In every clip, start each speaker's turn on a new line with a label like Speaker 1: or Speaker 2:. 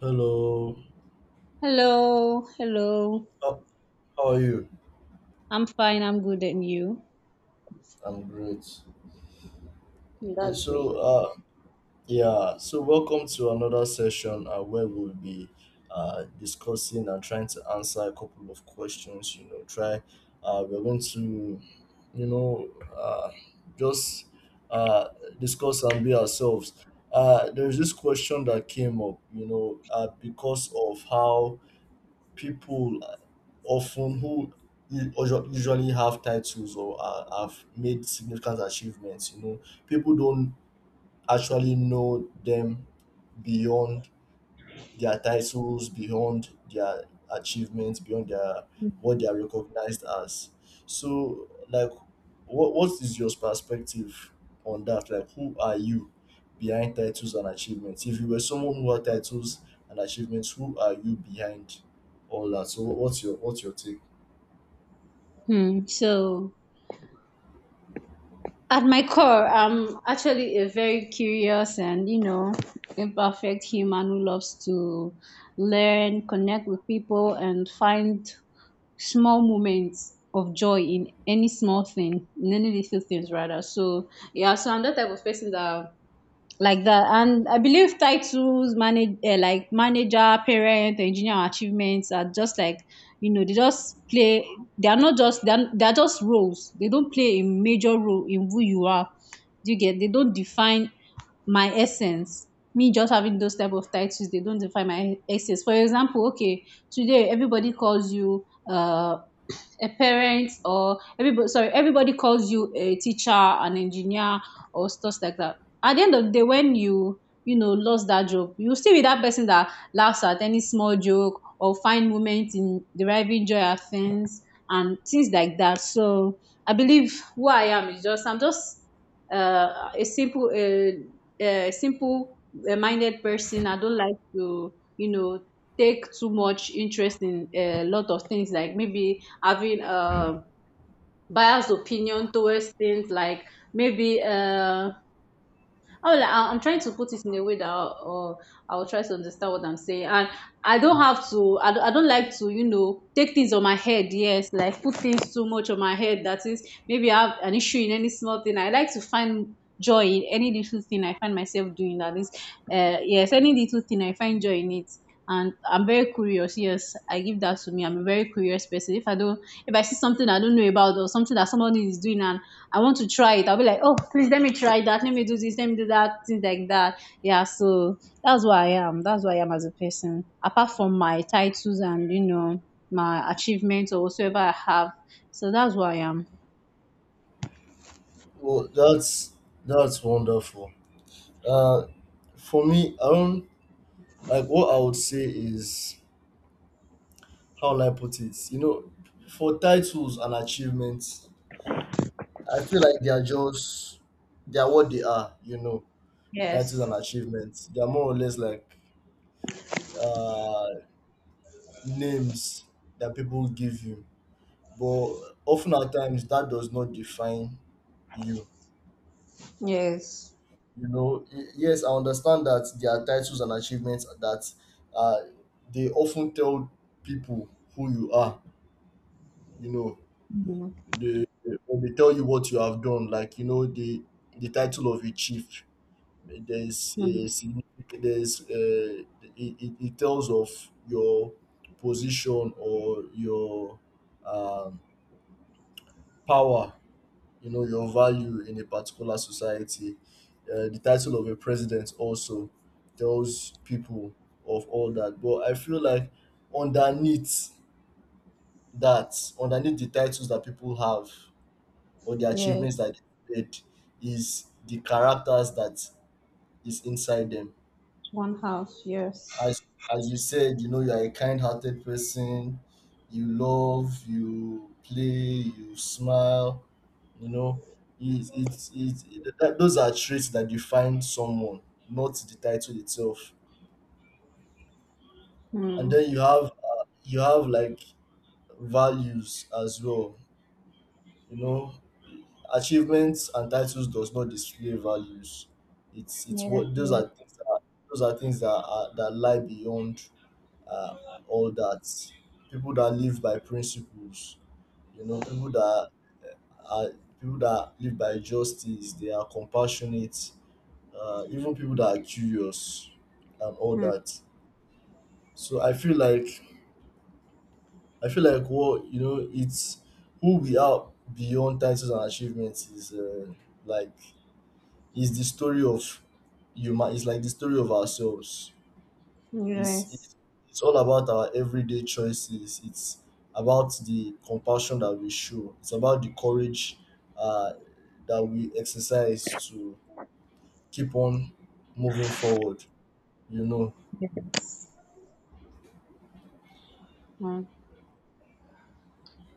Speaker 1: Hello.
Speaker 2: Hello, hello.
Speaker 1: How, how are you?
Speaker 2: I'm fine. I'm good, and you?
Speaker 1: I'm great.
Speaker 2: That's great.
Speaker 1: So, uh, yeah, so welcome to another session where we'll be discussing and trying to answer a couple of questions. We're going to, you know, uh, just uh, discuss and be ourselves. There's this question that came up, because of how people often who usually have titles or have made significant achievements, you know, people don't actually know them beyond their titles, beyond their achievements, beyond their what they are recognized as. So, like, what is your perspective on that? Like, who are you behind titles and achievements? If you were someone who had titles and achievements, who are you behind all that? So, what's your take?
Speaker 2: Hmm. So, at my core, I'm actually a very curious and imperfect human who loves to learn, connect with people, and find small moments of joy in any small thing, in any little things rather. So, yeah. So I'm that type of person that like that. And I believe titles, manage, like manager, parent, engineer, achievements are just like, they just play, they are not just, they're just roles. They don't play a major role in who you are. Do you get they don't define my essence? Me just having those type of titles, they don't define my essence. For example, okay, today everybody calls you a parent, or everybody, sorry, everybody calls you a teacher, an engineer, or stuff like that. At the end of the day, when you know lost that job, you still be that person that laughs at any small joke or find moments in deriving joy at things and things like that. So I believe who I am is just I'm just uh, a simple uh, a simple minded person. I don't like to, take too much interest in a lot of things, like maybe having a biased opinion towards things, like maybe oh, like, I'm trying to put it in a way that I'll try to understand what I'm saying. And I don't have to, I don't like to, take things on my head. Yes, like put things too much on my head. That is, maybe I have an issue in any small thing. I like to find joy in any little thing I find myself doing. That is, yes, any little thing I find joy in it. And I'm very curious. Yes, I give that to me. I'm a very curious person. If I don't, if I see something I don't know about or something that somebody is doing and I want to try it, I'll be like, oh, please let me try that. Let me do this. Let me do that. Things like that. Yeah. So that's what I am. That's what I am as a person. Apart from my titles and, my achievements or whatsoever I have. So that's what I am.
Speaker 1: Well, that's wonderful. Uh, for me, I don't like what I would say is how will I put it? You know, for titles and achievements, I feel like they are what they are, you know. That is an
Speaker 2: Yes.
Speaker 1: achievement. They are more or less like uh, names that people give you, but often at times that does not define you.
Speaker 2: Yes.
Speaker 1: You know, yes, I understand that there are titles and achievements that uh, they often tell people who you are. You know,
Speaker 2: Mhm.
Speaker 1: they when they tell you what you have done, like, you know, the title of a chief, there's a
Speaker 2: Mhm.
Speaker 1: significant, there's it tells of your position or your um, power, you know, your value in a particular society. The title of a president also tells people of all that, but I feel like underneath that, underneath the titles that people have or the
Speaker 2: Yeah.
Speaker 1: achievements that they made is the characters that is inside them.
Speaker 2: One house. Yes.
Speaker 1: as as you said, you know, you are a kind-hearted person. You love, you play, you smile. You know, those are traits that define someone, not the title itself. And
Speaker 2: Hmm.
Speaker 1: then you have like values as well. You know, achievements and titles does not display values. It's
Speaker 2: Yes,
Speaker 1: what those
Speaker 2: yes.
Speaker 1: are things that are, those are things that are, that lie beyond uh, all that. People that live by principles, you know, are people that live by justice, they are compassionate, even people that are curious and all
Speaker 2: Mm.
Speaker 1: that. So I feel like what, you know, it's who we are beyond titles and achievements is like is the story of human. It's like the story of ourselves. It's,
Speaker 2: Yes.
Speaker 1: it's it's all about our everyday choices. It's about the compassion that we show. It's about the courage uh, that we exercise to keep on moving forward. You know,
Speaker 2: Yes. Mm.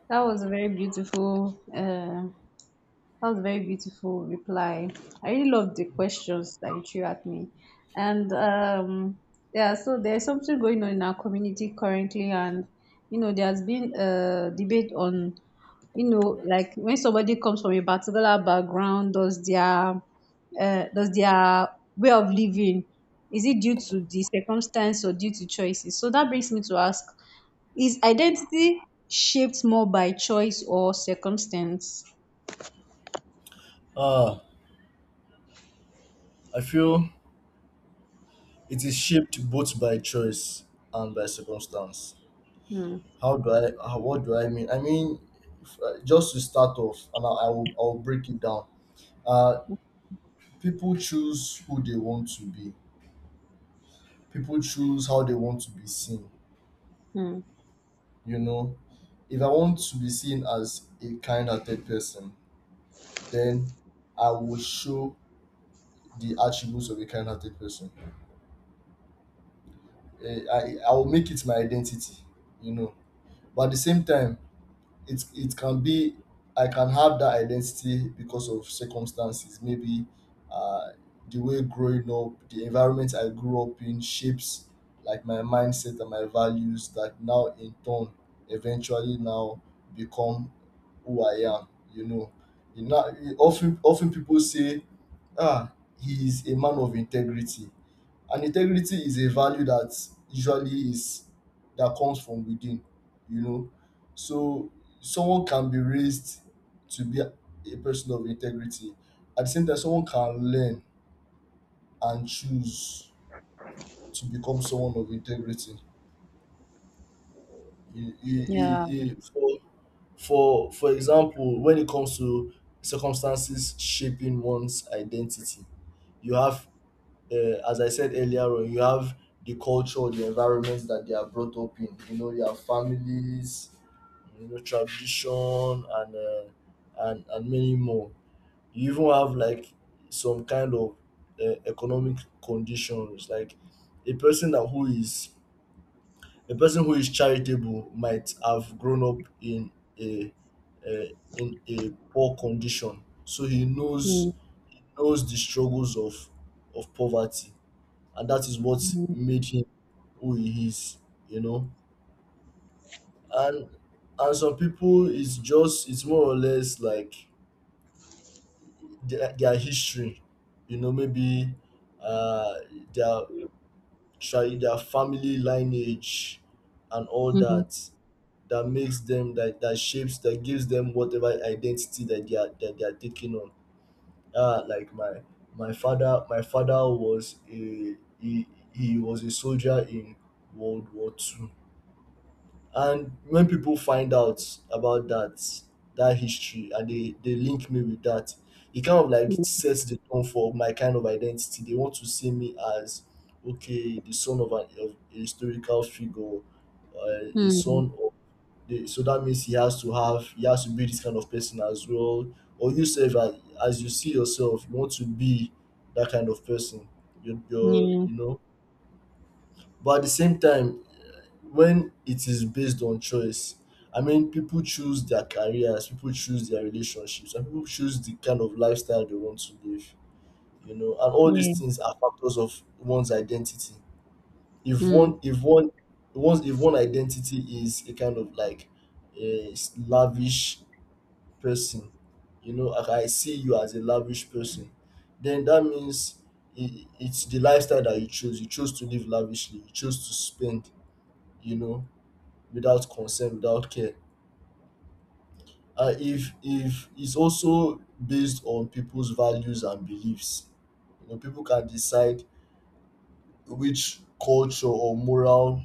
Speaker 2: That was a very beautiful that was a very beautiful reply. I really love the questions that you threw at me. And, yeah, so there's something going on in our community currently, and, you know, there's been a debate on, you know, like when somebody comes from a particular background, does their way of living, is it due to the circumstance or due to choices? So that brings me to ask: is identity shaped more by choice or circumstance?
Speaker 1: ah, I feel it is shaped both by choice and by circumstance.
Speaker 2: Hmm.
Speaker 1: How do I? How, what do I mean? I mean, if, just to start off, and I will break it down. Uh, People choose who they want to be. People choose how they want to be seen,
Speaker 2: Mm.
Speaker 1: you know. If I want to be seen as a kind-hearted person, then I will show the attributes of a kind-hearted person. I will make it my identity, you know. But at the same time, it can be I can have that identity because of circumstances, maybe uh the way growing up, the environment I grew up in shapes like my mindset and my values, that now in turn eventually now become who I am. You know, often people say, "Ah, he is a man of integrity," and integrity is a value that usually is that comes from within. You know, so someone can be raised to be a person of integrity. At the same time, someone can learn and choose to become someone of integrity. He he he
Speaker 2: Yeah.
Speaker 1: he For for example, when it comes to circumstances shaping one's identity, you have as I said earlier on, you have the culture, the environments that they are brought up in, you know, their families, you know, tradition, and and many more. You even have like some kind of economic conditions, like a person that who is a person who is charitable might have grown up a uh, in a poor condition, so he knows,
Speaker 2: Mm.
Speaker 1: he knows the struggles of poverty, and that is what
Speaker 2: Mm.
Speaker 1: made him who he is. You know, and and some people, it's just it's more or less like their history. You know, maybe uh, their their family lineage and all
Speaker 2: Mm.
Speaker 1: that, that makes them that that shapes, that gives them whatever identity that they are taking on. Ah, like my father, he was a soldier in World War II, and when people find out about that, that history, and they link me with that, it kind of like sets the tone for my kind of identity. They want to see me as okay the son of an of a historical figure, uh, a
Speaker 2: Mm.
Speaker 1: son so that means he has to have, he has to be this kind of person as well, or you say that as you see yourself, you want to be that kind of person, you're,
Speaker 2: Mm.
Speaker 1: you know. But at the same time, when it is based on choice, I mean, people choose their careers, people choose their relationships, and people choose the kind of lifestyle they want to live, you know, and all
Speaker 2: Yeah.
Speaker 1: these
Speaker 2: Yeah.
Speaker 1: things are factors of one's identity.
Speaker 2: Mm.
Speaker 1: If one, once if one identity is a kind of like a lavish person, you know, like I see you as a lavish person, then that means it's the lifestyle that you choose. You choose to live lavishly, you choose to spend, you know, without consent, without care. And if it's also based on people's values and beliefs, you know, people can decide which culture or moral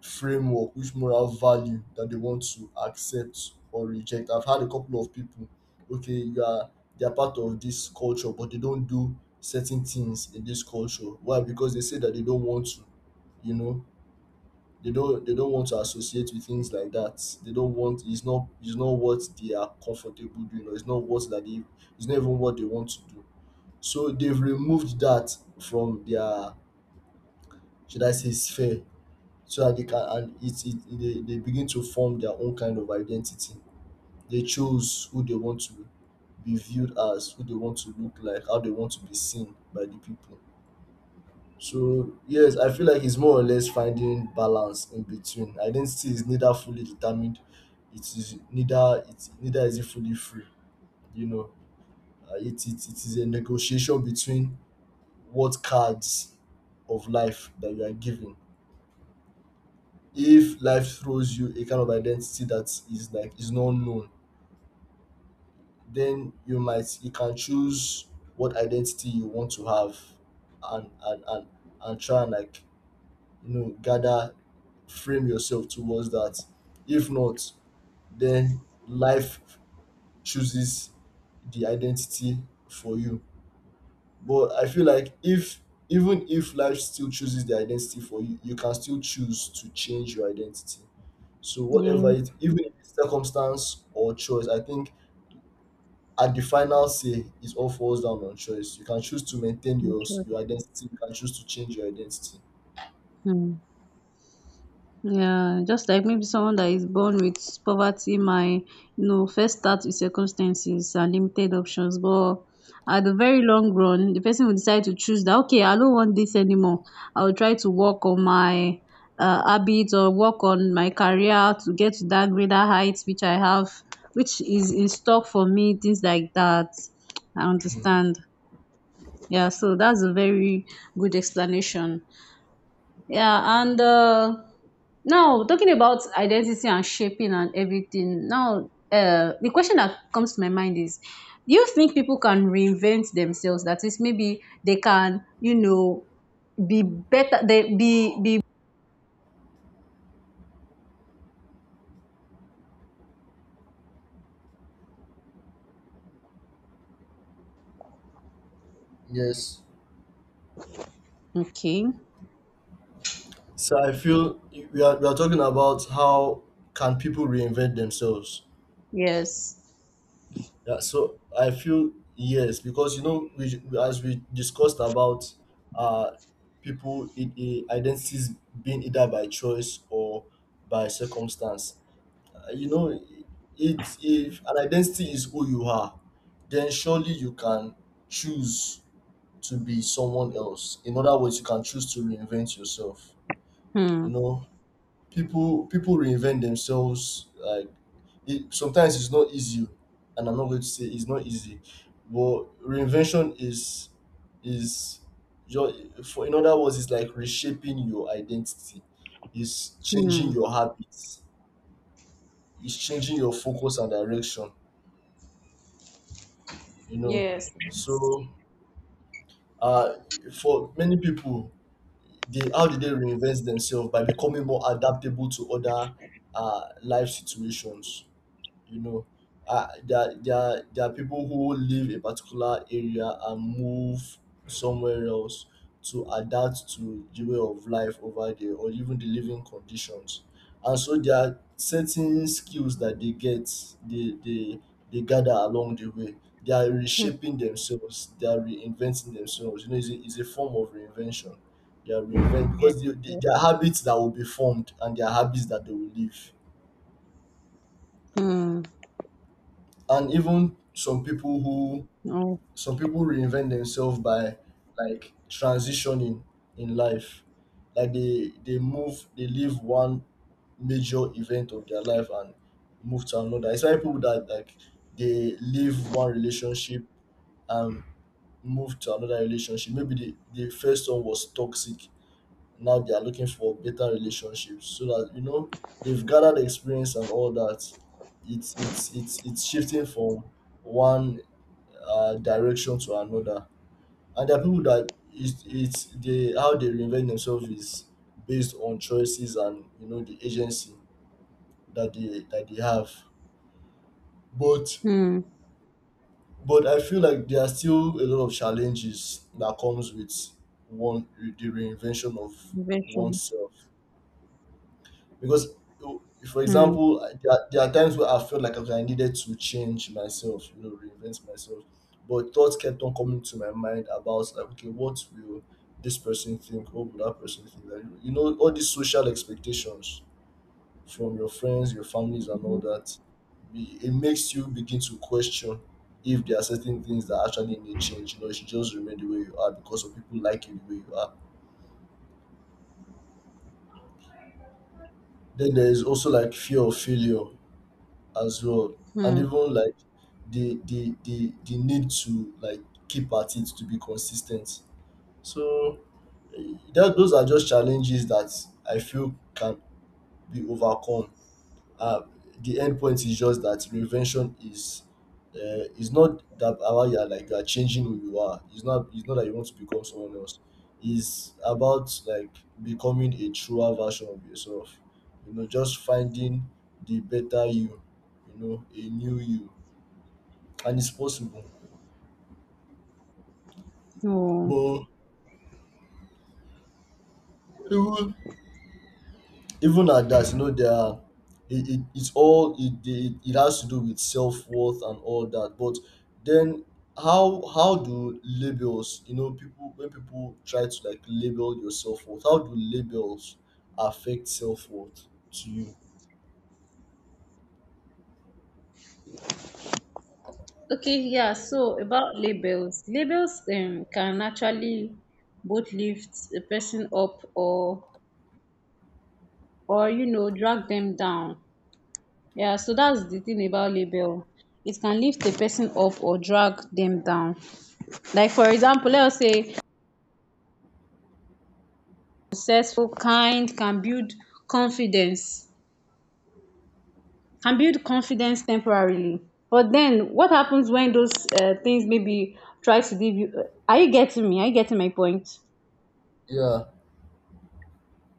Speaker 1: framework, which moral value that they want to accept or reject. I've had a couple of people, okay, you are they are part of this culture, but they don't do certain things in this culture. Why? Because they say that they don't want to, you know, they don't want to associate with things like that. They don't want, it's not what they are comfortable doing, or it's not what that they, it's not even what they want to do. So they've removed that from their, should I say, sphere, so that they can, and it, they begin to form their own kind of identity. They choose who they want to be viewed as, who they want to look like, how they want to be seen by the people. So yes, I feel like it's more or less finding balance in between. Identity is neither fully determined, it neither is it fully free. You know, it is a negotiation between what cards of life that you are given. If life throws you a kind of identity that is not known, then you can choose what identity you want to have, and and and, and try and like, you know, gather, frame yourself towards that. If not, then life chooses the identity for you. But I feel like if, even if life still chooses the identity for you, you can still choose to change your identity. So whatever
Speaker 2: Yeah.
Speaker 1: it, even if it's circumstance or choice, I think at the final say it all falls down on choice. You can choose to maintain
Speaker 2: That's right.
Speaker 1: your identity. You can choose to change your identity.
Speaker 2: Mm. Yeah, just like maybe someone that is born with poverty might, you know, first start with circumstances and limited options, but at the very long run, the person will decide to choose that, okay, I don't want this anymore. I will try to work on my habits, or work on my career to get to that greater heights which I have, which is in stock for me, things like that. I
Speaker 1: Mm.
Speaker 2: understand. Yeah, so that's a very good explanation. Yeah, and, now talking about identity and shaping and everything. Now, the question that comes to my mind is, do you think people can reinvent themselves? That is, maybe they can, you know, be better. They be
Speaker 1: Yes.
Speaker 2: okay.
Speaker 1: So I feel we are talking about how can people reinvent themselves.
Speaker 2: Yes.
Speaker 1: Yeah. So I feel yes, because you know we, as we discussed about uh people, identities being either by choice or by circumstance. You know, it if an identity is who you are, then surely you can choose to be someone else. In other words, you can choose to reinvent yourself, you
Speaker 2: Hmm.
Speaker 1: know. People reinvent themselves, like, it, sometimes it's not easy, and I'm not going to say it's not easy, but reinvention is your for in other words, it's like reshaping your identity. It's changing
Speaker 2: Hmm.
Speaker 1: your habits, it's changing your focus and direction, you know.
Speaker 2: Yes.
Speaker 1: So uh, for many people, they how did they reinvent themselves? By becoming more adaptable to other life situations? you know there are people who leave a particular area and move somewhere else to adapt to the way of life over there or even the living conditions, and so there are certain skills that they get, they they, they gather along the way. They are
Speaker 2: Hmm.
Speaker 1: reshaping themselves, they are reinventing themselves, you know, it's a form of reinvention. They are reinvent
Speaker 2: Yeah.
Speaker 1: because there are habits that will be formed and there are habits that they will leave.
Speaker 2: Hmm.
Speaker 1: And even some people who,
Speaker 2: Oh.
Speaker 1: some people reinvent themselves by like transitioning in life, like they move, they leave one major event of their life and move to another. It's like people that like they leave one relationship and move to another relationship. Maybe the first one was toxic, now they are looking for better relationships, so that you know they've gathered experience and all that. It's shifting from one direction to another. And there are people that it's they how they reinvent themselves is based on choices and you know the agency that they have. but
Speaker 2: Hmm.
Speaker 1: but I feel like there are still a lot of challenges that comes with one, with the reinvention of
Speaker 2: Invention.
Speaker 1: oneself. Because, o- for
Speaker 2: Hmm.
Speaker 1: example, there are times where I felt like, okay, I needed to change myself, you know, reinvent myself. But thoughts kept on coming to my mind about like, okay, what will this person think? What will that person think? Like, you know, all these social expectations from your friends, your families, and
Speaker 2: Hmm.
Speaker 1: all that. It makes you begin to question if there are certain things that actually need change. You know, you should just remain the way you are because of people like you the way you are. Then there is also like fear of failure, as well. And
Speaker 2: Hmm.
Speaker 1: even like the need to like keep at it, to be consistent. So that those are just challenges that I feel can be overcome. uh, the end point is just that reinvention is, it's not that about you are like you are changing who you are. It's not that you want to become someone else. It's about like becoming a truer version of yourself. You know, just finding the better you, you know, a new you. And it's possible.
Speaker 2: Oh.
Speaker 1: But even, even at that, you know, it's all it, it has to do with self worth and all that. But then, how do labels, you know, people when people try to like label your self worth, how do labels affect self worth to you?
Speaker 2: Okay, yeah. So about labels, labels, can actually both lift a person up or you know, drag them down. Yeah, so that's the thing about label. It can lift a person up or drag them down. Like for example, let's say successful, kind confidence, can build confidence temporarily. But then what happens when those things maybe try to give you? Are you getting me? Are you getting my point?
Speaker 1: Yeah,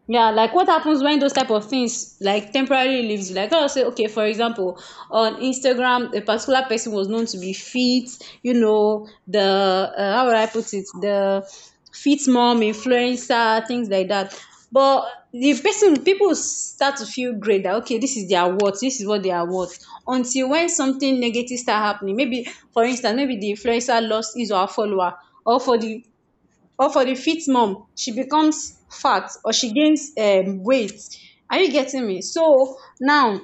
Speaker 2: Yeah, like what happens when those type of things like temporarily leaves you? Like I'll say, okay, for example, on Instagram, a particular person was known to be fit, you know, the, how would I put it, the fit mom influencer, things like that. But the person, people start to feel great that okay, this is their worth, this is what they are worth. Until when something negative start happening, maybe for instance, maybe the influencer lost his or her follower, or for the or for the fifth month she becomes fat, or she gains weight. Are you getting me? So now,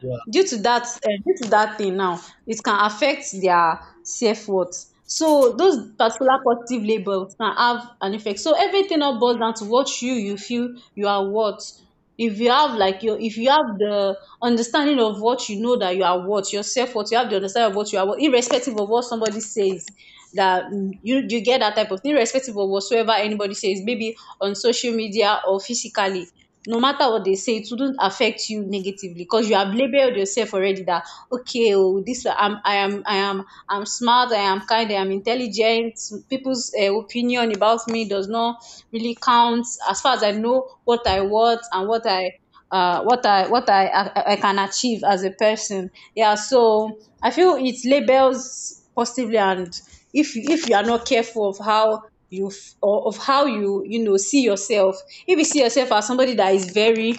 Speaker 1: yeah,
Speaker 2: due to that, due to that thing, now it can affect their self-worth. So those particular positive labels can have an effect. So everything now boils down to what you feel you are worth. If you have like your, if you have the understanding of what you know that you are worth, your self-worth, you have the understanding of what you are worth irrespective of what somebody says. You you get that type of thing irrespective of whatsoever anybody says, maybe on social media or physically, no matter what they say, it wouldn't affect you negatively because you have labeled yourself already that okay, oh, this I am, I'm smart, I am kind, I am intelligent. People's opinion about me does not really count as far as I know what I want and what I I can achieve as a person. Yeah, so I feel it labels positively, and if you are not careful of how or of how you, you know, see yourself, if you see yourself as somebody that is very,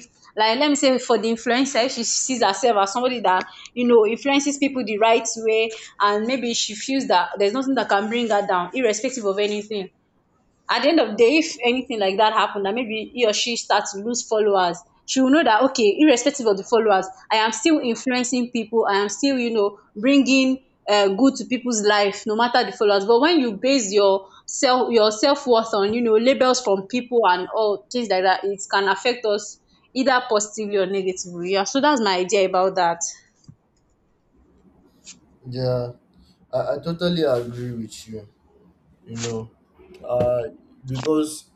Speaker 2: like let me say for the influencer, if she sees herself as somebody that, you know, influences people the right way, and maybe she feels that there's nothing that can bring her down irrespective of anything, at the end of the day, if anything like that happened, that maybe he or she starts to lose followers, she will know that okay, irrespective of the followers, I am still influencing people. I am still, you know, bringing good to people's life, no matter the followers. But when you base your self, your self worth on, you know, labels from people and all things like that, it can affect us either positively or negatively. Yeah. So that's my idea about that.
Speaker 1: yeah. I totally agree with you. You know uh because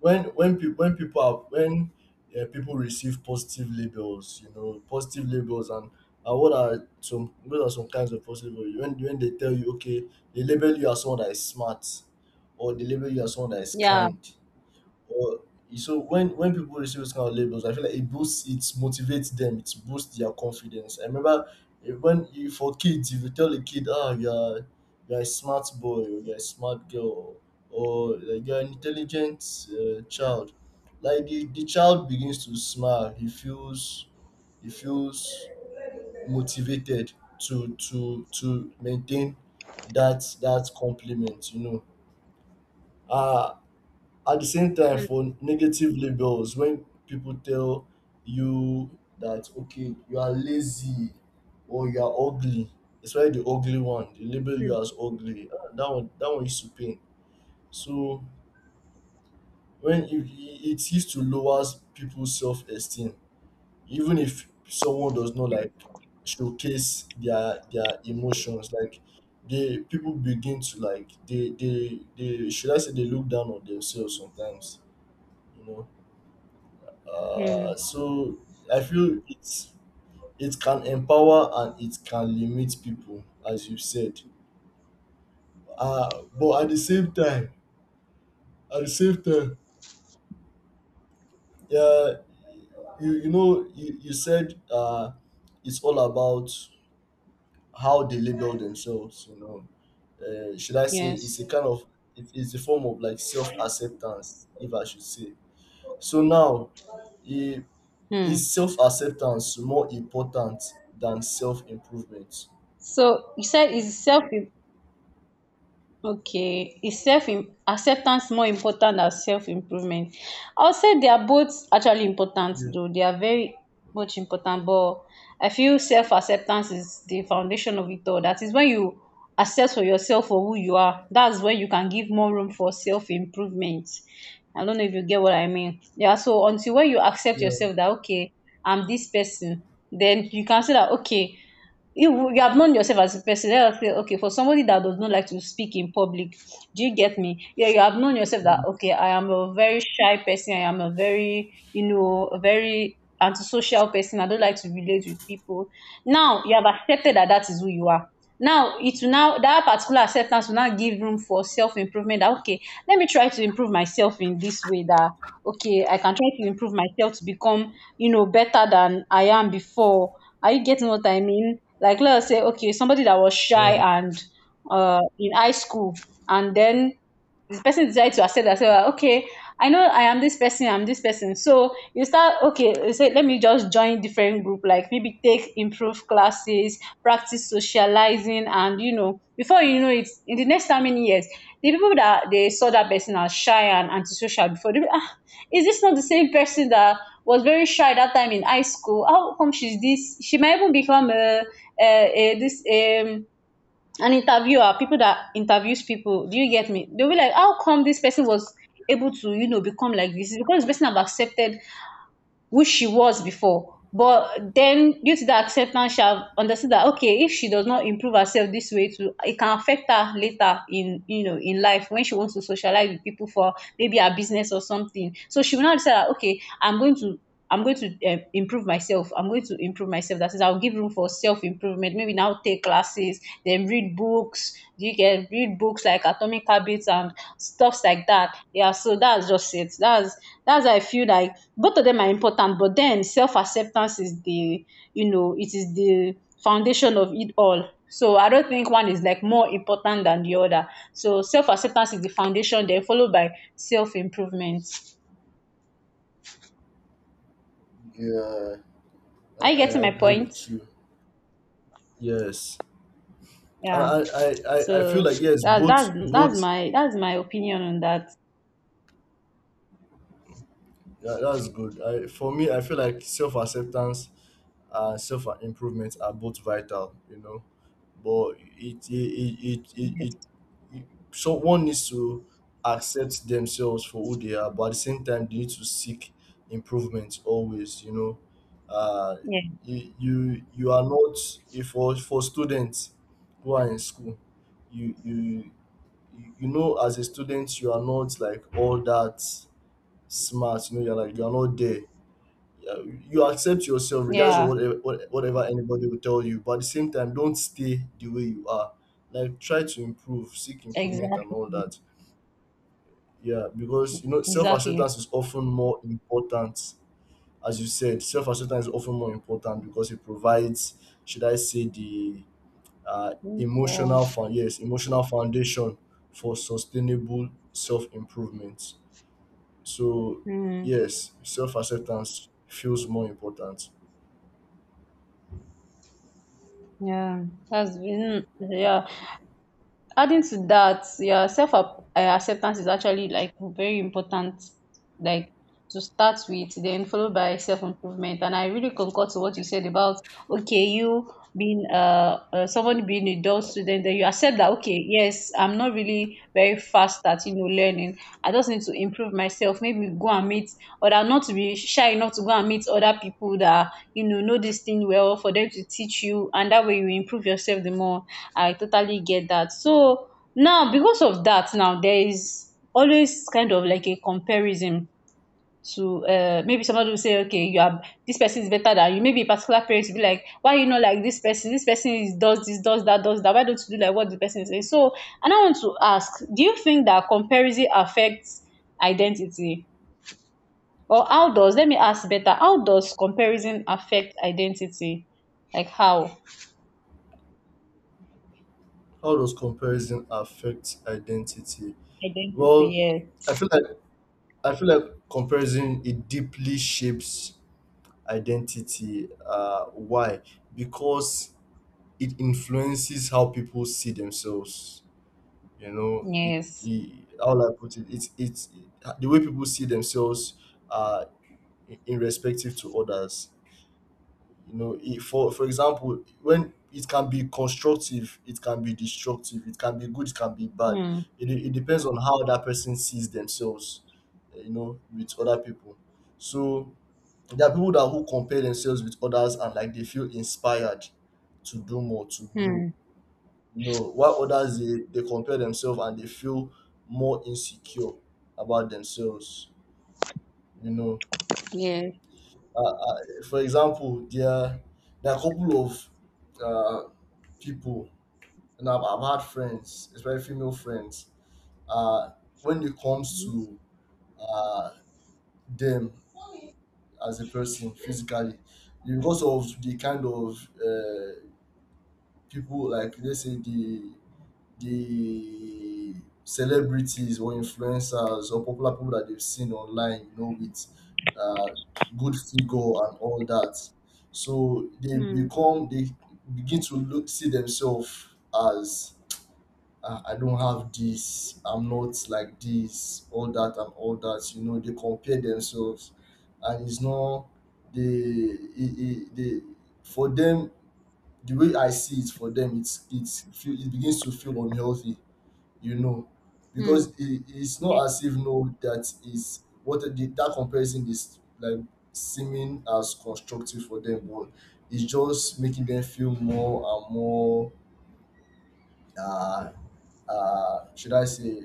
Speaker 1: when people when people are when people receive positive labels, you know, positive labels. And what are some, what are some kinds of positive labels? When they tell you, okay, they label you as someone that is smart, or they label you as someone that is
Speaker 2: Yeah.
Speaker 1: kind. Well, so when people receive those kind of labels, I feel like it boosts, it motivates them, it boosts their confidence. I remember when you, for kids, if you tell a kid, ah, you're a smart boy, or you're a smart girl, or like, you're an intelligent child, like the child begins to smile. He feels motivated to to maintain that compliment. You know, uh, at the same time
Speaker 2: Hmm.
Speaker 1: for negative labels, when people tell you that okay, you are lazy, or you are ugly. Especially the ugly one, they label
Speaker 2: Hmm.
Speaker 1: you as ugly. Ah, that one used to pain. So when it used to lower people's self-esteem, even if someone does not like showcase their emotions. Like they people begin to like, they should I say, they look down on themselves sometimes, you know.
Speaker 2: Hmm.
Speaker 1: So I feel it's, it can empower and it can limit people, as you said. But at the same time, at the same time, yeah, you said, it's all about how they label themselves. You know, should I say it's
Speaker 2: Yes.
Speaker 1: a kind of, it's a form of like self acceptance, if I should say. So now, i-
Speaker 2: Hmm.
Speaker 1: is self acceptance more important than self improvement?
Speaker 2: So you said is self, okay, is self acceptance more important than self improvement? I would say they are both actually important
Speaker 1: Yeah.
Speaker 2: though. They are very much important, but I feel self acceptance is the foundation of it all. That is when you accept for yourself for who you are. That's when you can give more room for self improvement. I don't know if you get what I mean. Yeah, so until when you accept
Speaker 1: Yeah,
Speaker 2: yourself that okay, I'm this person, then you can say that okay, you have known yourself as a person, then okay, okay, for somebody that does not like to speak in public. Do you get me? Yeah, you have known yourself that
Speaker 1: mm,
Speaker 2: okay, I am a very shy person, I am a very, you know, a very antisocial person, I don't like to relate with people. Now you have accepted that that is who you are. Now it will now, that particular acceptance will now give room for self-improvement, that okay, let me try to improve myself in this way, that okay, I can try to improve myself to become, you know, better than I am before. Are you getting what I mean? Like let's say okay, somebody that was
Speaker 1: yeah,
Speaker 2: shy and in high school, and then this person decided to accept that, say ah, okay, I know I am this person, I'm this person. So you start, okay, you say let me just join different group, like maybe take improve classes, practice socializing, and, you know, before you know it, in the next how many years, the people that they saw that person as shy and antisocial before, they be ah, is this not the same person that was very shy that time in high school? How come she's this? She might even become a, a, a this, an interviewer, people that interviews people. Do you get me? They'll be like, how come this person was able to, you know, become like this. It's because this person have accepted who she was before, but then due to the acceptance she have understood that okay, if she does not improve herself this way too e Can affect her later in, in life when she wants to socialize with people for maybe her business or something. So she will now decide that, okay, I'm going to I'm going to improve myself. I'm going to improve myself. That is, I'll give room for self improvement. Maybe now take classes, then read books. You can read books like Atomic Habits and stuffs like that. Yeah, so that's just it. That's why I feel like both of them are important, but then self acceptance is the, it is the foundation of it all. So I don't think one is like more important than the other. So self acceptance is the foundation, then followed by self improvement.
Speaker 1: yeah. I,
Speaker 2: Are you getting
Speaker 1: I
Speaker 2: my
Speaker 1: agree
Speaker 2: point?
Speaker 1: with you. Yes, I,
Speaker 2: Yeah.
Speaker 1: I, I, I I feel
Speaker 2: So
Speaker 1: like yes,
Speaker 2: that
Speaker 1: both,
Speaker 2: that's that's
Speaker 1: both.
Speaker 2: my that's my opinion on that.
Speaker 1: Yeah, that's good. I, for me, I feel like self acceptance and self improvement are both vital, you know. But it it, it, it so one needs to accept themselves for who they are, but at the same time they need to seek improvement always, you know. Uh
Speaker 2: Yeah.
Speaker 1: you are not, if for for students who are in school, you you you know, as a student, you are not like all that smart, you know, you're like you're not there, uh, you accept yourself regardless of
Speaker 2: Yeah.
Speaker 1: whatever, whatever anybody will tell you. But at the same time, don't stay the way you are. Like try to improve, seek improvement and
Speaker 2: Exactly.
Speaker 1: all that. Yeah, because you know
Speaker 2: Exactly.
Speaker 1: self-acceptance is often more important, as you said. Self-acceptance is often more important because it provides, should I say, the
Speaker 2: So,
Speaker 1: emotional fun, yes, emotional foundation for sustainable self-improvement. So
Speaker 2: mm,
Speaker 1: yes, self-acceptance feels more important.
Speaker 2: yeah. That's been yeah. Adding to that, yeah, self-acceptance is actually like very important. Like to start with, then followed by self improvement. And I really concur to what you said about, okay, you being someone being a dull student, then you accept that, okay, yes, I'm not really very fast at, learning. I just need to improve myself. Maybe go and meet or that not to be shy enough to go and meet other people that, you know this thing well for them to teach you, and that way you improve yourself the more. I totally get that. So now because of that, now there is always kind of like a comparison to, maybe somebody will say, okay, you are this person is better than you. Maybe a particular parent will be like, why you not like this person? This person is, does this, does that, does that. Why don't you do like what the person is saying? So, and I want to ask, do you think that comparison affects identity? Or how does, let me ask better, how does comparison affect identity? Like how?
Speaker 1: How does comparison affect identity?
Speaker 2: Identity,
Speaker 1: Well,
Speaker 2: yes.
Speaker 1: I feel like I feel like comparison, it deeply shapes identity. Why? Because it influences how people see themselves. You know,
Speaker 2: Yes.
Speaker 1: it, how will I put it? It's the way people see themselves uh in respective to others. For example, when it can be constructive, it can be destructive, it can be good, it can be bad.
Speaker 2: Hmm.
Speaker 1: It depends on how that person sees themselves, you know, with other people. So there are people that who compare themselves with others and like they feel inspired to do more, to grow,
Speaker 2: Hmm.
Speaker 1: you know, while others, they compare themselves and they feel more insecure about themselves, you know.
Speaker 2: Yes.
Speaker 1: uh, uh, for example, there are a couple of uh, people, and I've had friends, especially female friends, uh, when it comes to uh, them as a person physically, because of the kind of people, like let's say the the celebrities or influencers or popular people that they've seen online, you know, with uh, good figure and all that. So they
Speaker 2: Hmm.
Speaker 1: become they begin to look, see themselves as, I don't have this, I'm not like this, all that and all that. You know, they compare themselves, and it's not the, they, for them, the way I see it, for them it begins to feel unhealthy. You know,
Speaker 2: Hmm.
Speaker 1: because it's
Speaker 2: Yes.
Speaker 1: not as if no that is what the, that comparison is like seeming as constructive for them, but it's just making them feel more and more, uh, should I say,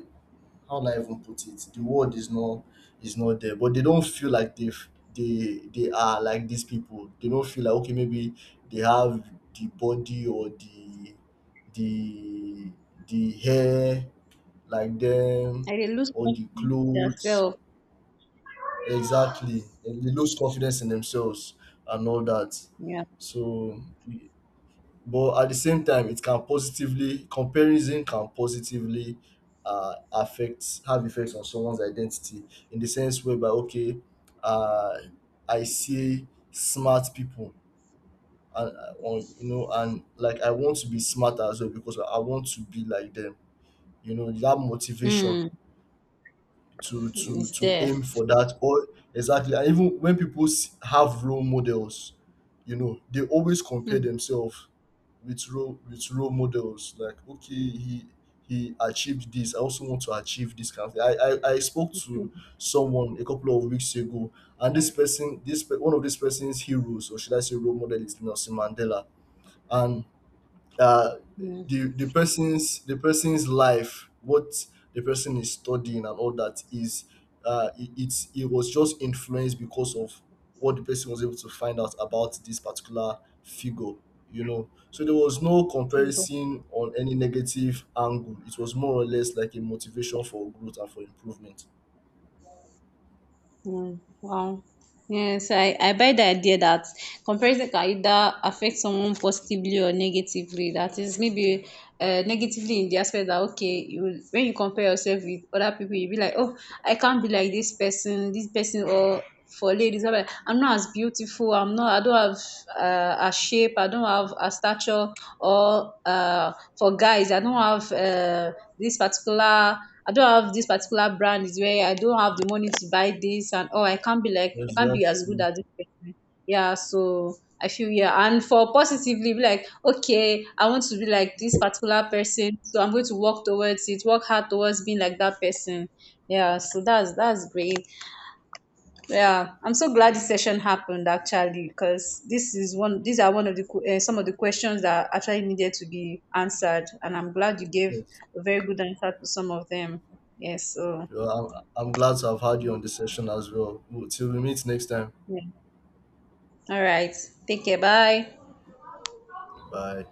Speaker 1: how do I even put it? The word is not Is not there, but they don't feel like they've, they are like these people. They don't feel like okay, maybe they have the body or the the hair like them,
Speaker 2: I dey lose
Speaker 1: or the
Speaker 2: confidence with
Speaker 1: clothes.
Speaker 2: yourself.
Speaker 1: Exactly, and they lose confidence in themselves and all that.
Speaker 2: Yeah.
Speaker 1: So, but at the same time it can positively, comparison can positively affect, have effects on someone's identity, in the sense whereby okay, uh, I see smart people, and on, you know, and like I want to be smart as well because I want to be like them. You know, that motivation
Speaker 2: Hmm.
Speaker 1: to to
Speaker 2: It's
Speaker 1: to
Speaker 2: there.
Speaker 1: aim for that, or exactly. And even when people have role models, you know, they always compare
Speaker 2: Mm-hmm.
Speaker 1: themselves with role, with role models, like okay, he achieved this, I also want to achieve this kind of thing. I spoke to someone a couple of weeks ago, and this person, one of this person's heroes, or should I say role model, is Nelson Mandela. And uh, the person's, the person's life, what the person is studying and all that, is it's, it was just influenced because of what the person was able to find out about this particular figure. You know, so there was no
Speaker 2: Finger.
Speaker 1: comparison on any negative angle. It was more or less like a motivation for growth and for improvement.
Speaker 2: Mm. Wow. Yes, I buy the idea that comparison can either affect someone positively or negatively. That is maybe negatively in the aspect that, okay, when you compare yourself with other people, you be like, oh, I can't be like this person, or for ladies whereby I'm not as beautiful, I'm not, I don't have a shape, I don't have a stature, or for guys, I don't have this particular, I don't have this particular brand is where I don't have the money to buy this, and oh, I can't be like, I can't be as good
Speaker 1: Exactly.
Speaker 2: as this person. Yeah, so I feel, yeah, and for positively, be like, okay, I want to be like this particular person, so I'm going to work towards it, work hard towards being like that person. Yeah, so that's great. Yeah, I'm so glad this session happened actually, because this is one. These are one of the some of the questions that actually needed to be answered, and I'm glad you gave
Speaker 1: Yes.
Speaker 2: a very good answer to some of them. Yes. So
Speaker 1: Yeah, I'm glad to have had you on the session as well. Till we meet next time.
Speaker 2: yeah. All right. Take care. Bye.
Speaker 1: Bye.